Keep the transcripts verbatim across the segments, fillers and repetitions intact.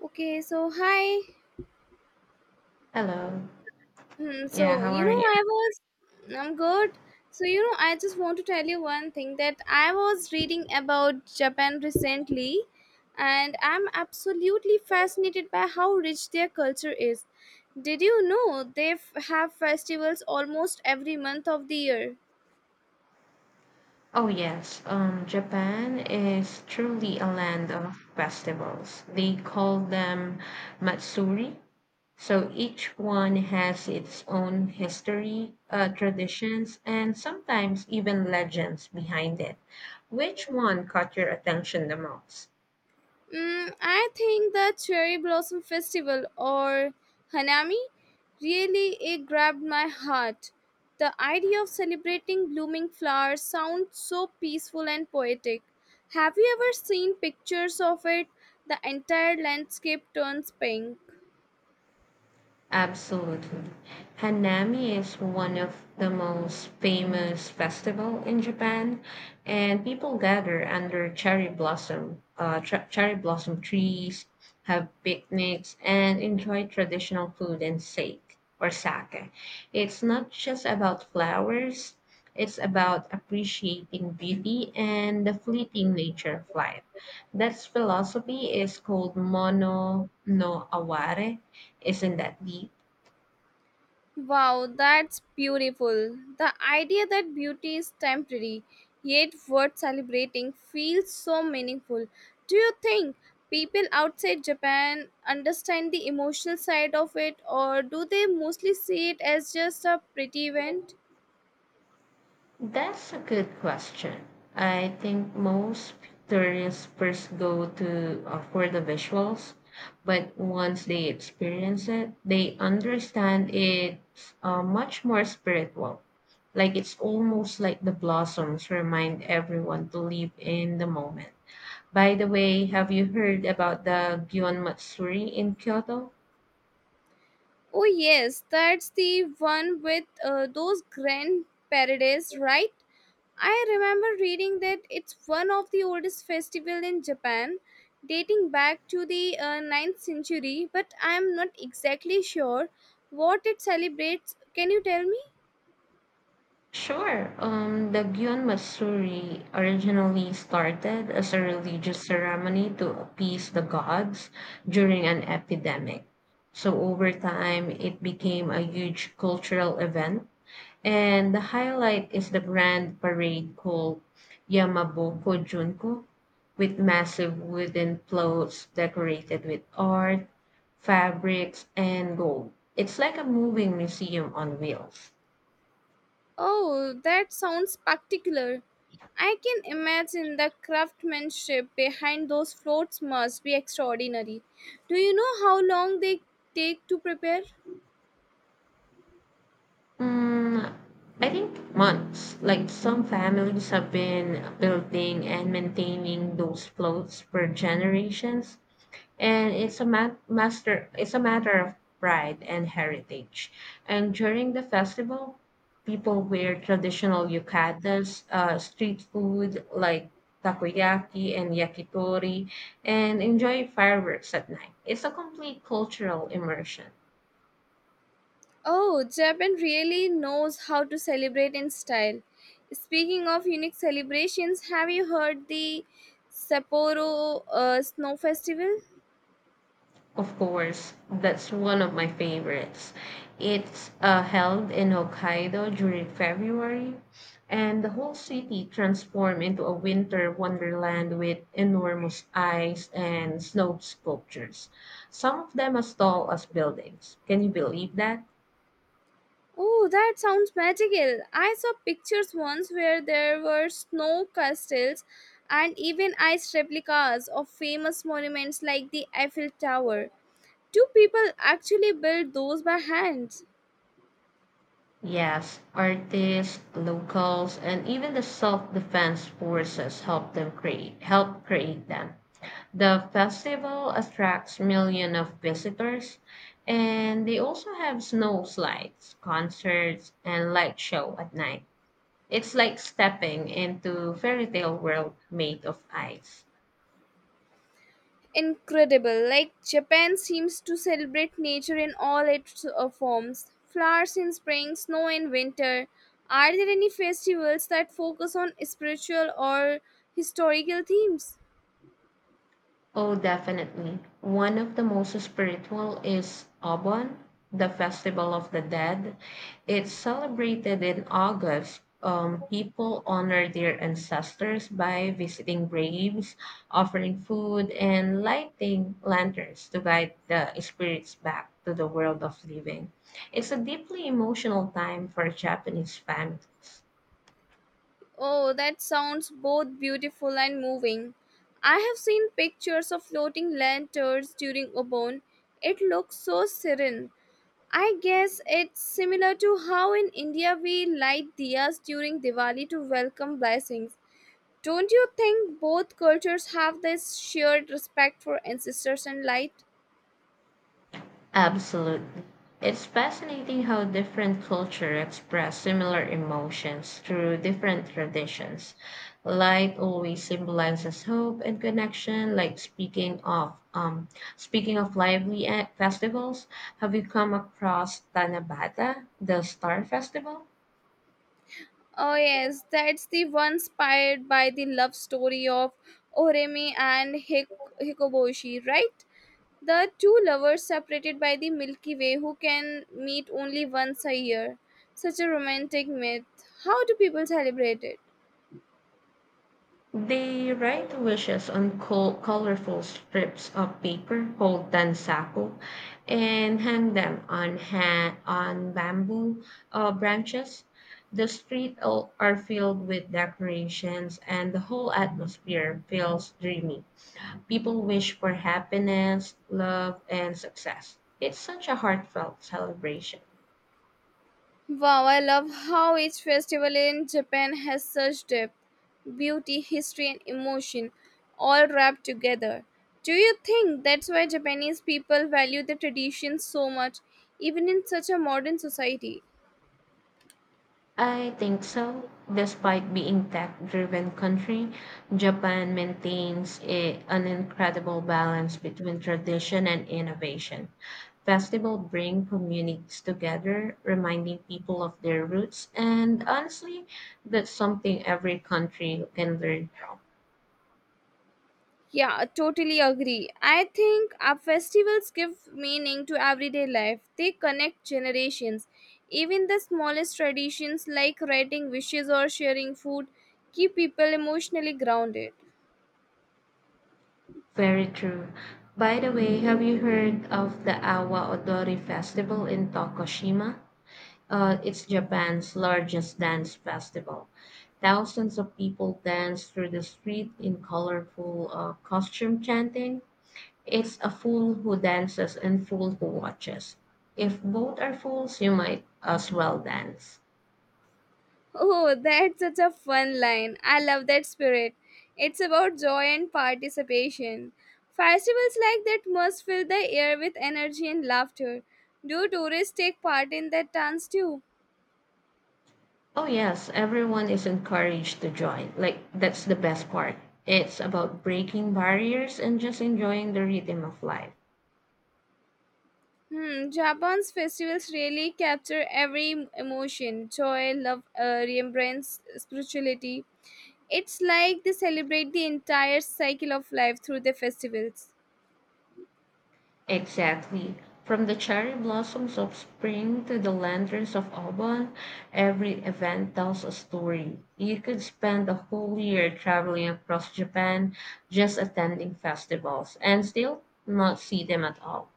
Okay, so hi. Hello. Hmm, Yeah, so how you are know, you? I was, I'm good. So you know, I just want to tell you one thing that I was reading about Japan recently, and I'm absolutely fascinated by how rich their culture is. Did you know they f- have festivals almost every month of the year? Oh yes, um, Japan is truly a land of festivals. They call them Matsuri. So each one has its own history, uh, traditions, and sometimes even legends behind it. Which one caught your attention the most? Mm, I think the Cherry Blossom Festival or Hanami really it grabbed my heart. The idea of celebrating blooming flowers sounds so peaceful and poetic. Have you ever seen pictures of it? The entire landscape turns pink. Absolutely. Hanami is one of the most famous festival in Japan, and people gather under cherry blossom, uh, tr- cherry blossom trees, have picnics, and enjoy traditional food and sake or sake. It's not just about flowers; it's about appreciating beauty and the fleeting nature of life. That philosophy is called mono no aware. Isn't that deep? Wow, that's beautiful. The idea that beauty is temporary, yet worth celebrating, feels so meaningful. Do you think people outside Japan understand the emotional side of it, or do they mostly see it as just a pretty event? That's a good question. I think most tourists first go to uh, for the visuals, but once they experience it, they understand it's uh, much more spiritual. Like it's almost like the blossoms remind everyone to live in the moment. By the way, have you heard about the Gion Matsuri in Kyoto? Oh, yes, that's the one with uh, those grand parades, right? I remember reading that it's one of the oldest festivals in Japan, dating back to the uh, ninth century, but I am not exactly sure what it celebrates. Can you tell me? Sure. Um, the Gyun Masuri originally started as a religious ceremony to appease the gods during an epidemic. So over time, it became a huge cultural event. And the highlight is the grand parade called Yamaboko Junko, with massive wooden floats decorated with art, fabrics, and gold. It's like a moving museum on wheels. Oh, that sounds particular. I can imagine the craftsmanship behind those floats must be extraordinary. Do you know how long they take to prepare? Mm, I think months. Like some families have been building and maintaining those floats for generations, and it's a ma- master. It's a matter of pride and heritage. And during the festival, people wear traditional yukatas, uh, street food like takoyaki and yakitori, and enjoy fireworks at night. It's a complete cultural immersion. Oh, Japan really knows how to celebrate in style. Speaking of unique celebrations, have you heard the Sapporo uh, Snow Festival? Of course, that's one of my favorites. It's uh, held in Hokkaido during February, and the whole city transforms into a winter wonderland with enormous ice and snow sculptures, some of them as tall as buildings. Can you believe that? Oh, that sounds magical. I saw pictures once where there were snow castles and even ice replicas of famous monuments like the Eiffel Tower. Do people actually build those by hand? Yes, artists, locals, and even the self-defense forces help them create help create them. The festival attracts millions of visitors, and they also have snow slides, concerts, and light show at night. It's like stepping into fairy tale world made of ice. Incredible. Like Japan seems to celebrate nature in all its uh, forms flowers in spring, snow in winter. Are there any festivals that focus on spiritual or historical themes? Oh, definitely. One of the most spiritual is Obon, the Festival of the Dead. It's celebrated in August. Um, people honor their ancestors by visiting graves, offering food, and lighting lanterns to guide the spirits back to the world of living. It's a deeply emotional time for Japanese families. Oh, that sounds both beautiful and moving. I have seen pictures of floating lanterns during Obon. It looks so serene. I guess it's similar to how in India we light diyas during Diwali to welcome blessings. Don't you think both cultures have this shared respect for ancestors and light? Absolutely. It's fascinating how different cultures express similar emotions through different traditions. Light always symbolizes hope and connection. Like speaking of um, speaking of lively eh, festivals, have you come across Tanabata, the Star Festival? Oh, yes, that's the one inspired by the love story of Oremi and Hik- Hikoboshi, right? The two lovers separated by the Milky Way who can meet only once a year. Such a romantic myth. How do people celebrate it? They write wishes on col- colorful strips of paper called tansaku and hang them on ha- on bamboo uh, branches. The streets are filled with decorations, and the whole atmosphere feels dreamy. People wish for happiness, love, and success. It's such a heartfelt celebration. Wow, I love how each festival in Japan has such depth, beauty, history, and emotion all wrapped together. Do you think that's why Japanese people value the traditions so much, even in such a modern society? I think so. Despite being tech-driven country, Japan maintains a, an incredible balance between tradition and innovation. Festival bring communities together, reminding people of their roots, and honestly, that's something every country can learn from. Yeah, I totally agree. I think our festivals give meaning to everyday life. They connect generations. Even the smallest traditions like writing wishes or sharing food keep people emotionally grounded. Very true. By the way, have you heard of the Awa Odori Festival in Tokushima? Uh, it's Japan's largest dance festival. Thousands of people dance through the street in colorful uh, costume chanting. It's a fool who dances and fool who watches. If both are fools, you might as well dance. Oh, that's such a fun line. I love that spirit. It's about joy and participation. Festivals like that must fill the air with energy and laughter. Do tourists take part in that dance too? Oh, yes, everyone is encouraged to join. Like, that's the best part. It's about breaking barriers and just enjoying the rhythm of life. Hmm, Japan's festivals really capture every em- emotion joy, love, uh, remembrance, spirituality. It's like they celebrate the entire cycle of life through the festivals. Exactly. From the cherry blossoms of spring to the lanterns of autumn, every event tells a story. You could spend a whole year traveling across Japan just attending festivals and still not see them at all.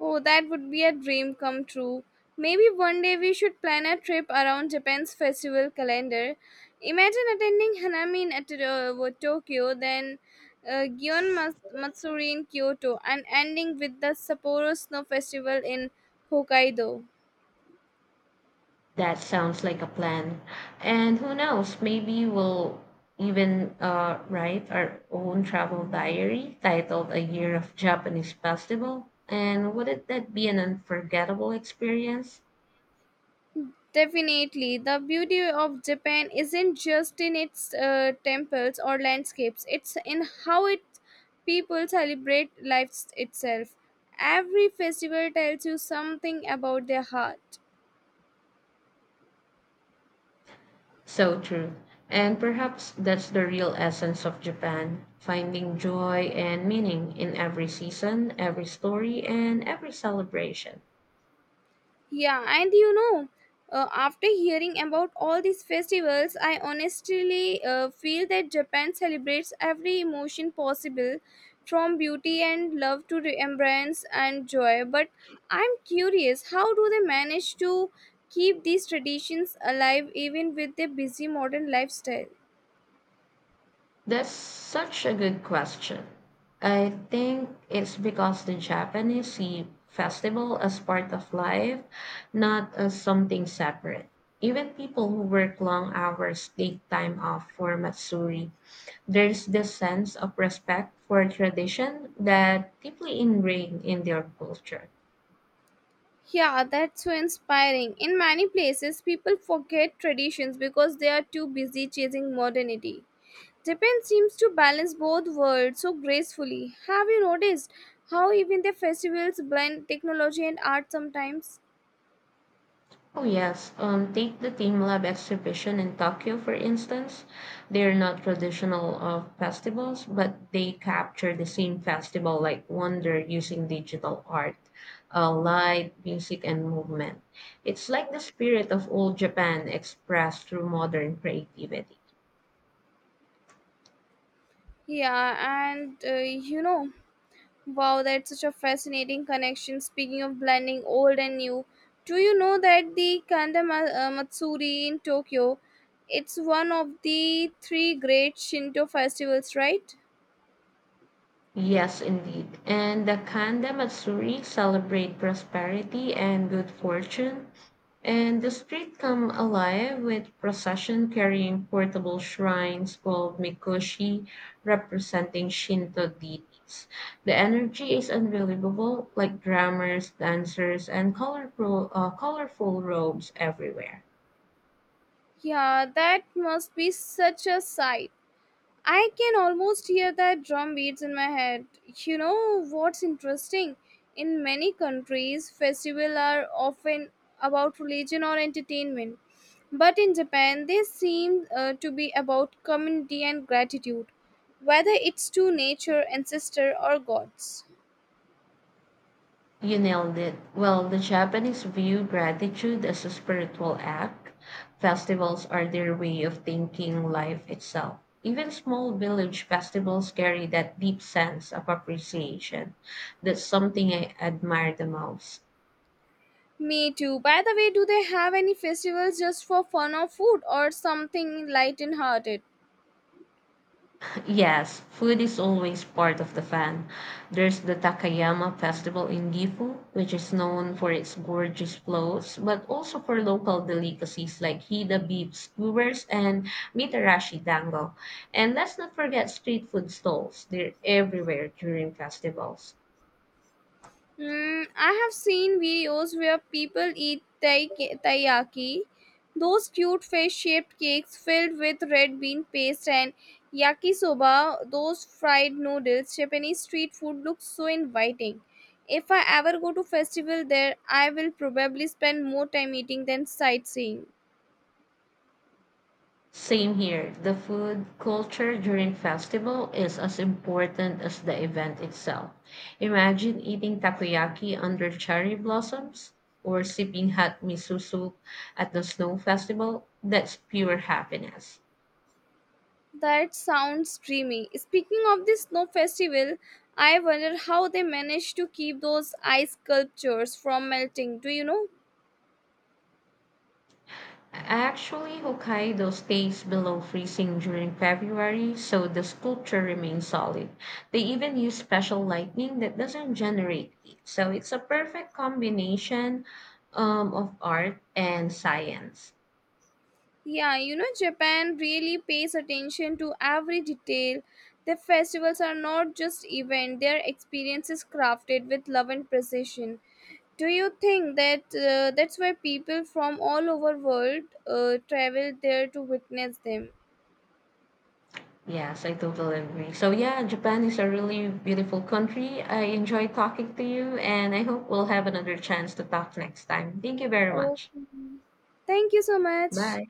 Oh, that would be a dream come true. Maybe one day we should plan a trip around Japan's festival calendar. Imagine attending Hanami in at, uh, Tokyo, then uh, Gion Mas- Matsuri in Kyoto, and ending with the Sapporo Snow Festival in Hokkaido. That sounds like a plan. And who knows, maybe we'll even uh, write our own travel diary titled A Year of Japanese Festival. And wouldn't that be an unforgettable experience? Definitely, the beauty of Japan isn't just in its uh, temples or landscapes, it's in how its people celebrate life itself. Every festival tells you something about their heart. So true. And perhaps that's the real essence of Japan finding joy and meaning in every season, every story, and every celebration. Yeah, and you know, uh, After hearing about all these festivals, I honestly uh, feel that Japan celebrates every emotion possible from beauty and love to remembrance and joy. But I'm curious, how do they manage to keep these traditions alive even with their busy modern lifestyle? That's such a good question. I think it's because the Japanese see festival as part of life, not as something separate. Even people who work long hours take time off for Matsuri. There's this sense of respect for tradition that deeply ingrained in their culture. Yeah, that's so inspiring. In many places, people forget traditions because they are too busy chasing modernity. Japan seems to balance both worlds so gracefully. Have you noticed how even their festivals blend technology and art sometimes? Oh, yes. Um, take the Team Lab exhibition in Tokyo, for instance. They're not traditional of festivals, but they capture the same festival like wonder using digital art, uh, light, music, and movement. It's like the spirit of old Japan expressed through modern creativity. Yeah, and uh, you know, wow, that's such a fascinating connection. Speaking of blending old and new, do you know that the Kanda Ma- uh, Matsuri in Tokyo, it's one of the three great Shinto festivals, right? Yes, indeed. And the Kanda Matsuri celebrate prosperity and good fortune, and the street come alive with procession carrying portable shrines called mikoshi representing Shinto deities. The energy is unbelievable, like drummers, dancers, and colorful, uh, colorful robes everywhere. Yeah, that must be such a sight. I can almost hear that drum beats in my head. You know what's interesting? In many countries, festivals are often about religion or entertainment, but in Japan, they seem uh, to be about community and gratitude, whether it's to nature, ancestor, or gods. You nailed it. Well, the Japanese view gratitude as a spiritual act. Festivals are their way of thanking life itself. Even small village festivals carry that deep sense of appreciation. That's something I admire the most. Me too. By the way, do they have any festivals just for fun or food or something light and hearted? Yes, food is always part of the fun. There's the Takayama Festival in Gifu, which is known for its gorgeous floats, but also for local delicacies like Hida beef skewers and Mitarashi dango. And let's not forget street food stalls. They're everywhere during festivals. Mm, I have seen videos where people eat tai- taiyaki, those cute fish-shaped cakes filled with red bean paste and yakisoba, those fried noodles. Japanese street food looks so inviting. If I ever go to festival there, I will probably spend more time eating than sightseeing. Same here. The food culture during festival is as important as the event itself. Imagine eating takoyaki under cherry blossoms or sipping hot miso soup at the snow festival. That's pure happiness. That sounds dreamy. Speaking of the snow festival, I wonder how they manage to keep those ice sculptures from melting. Do you know? Actually, Hokkaido stays below freezing during February, so the sculpture remains solid. They even use special lighting that doesn't generate heat. So it's a perfect combination um, of art and science. Yeah, you know, Japan really pays attention to every detail. Their festivals are not just event, their experiences crafted with love and precision. Do you think that uh, that's why people from all over world uh, travel there to witness them? Yes, I totally agree. So yeah, Japan is a really beautiful country. I enjoy talking to you, and I hope we'll have another chance to talk next time. Thank you very much. Okay. Thank you so much. Bye.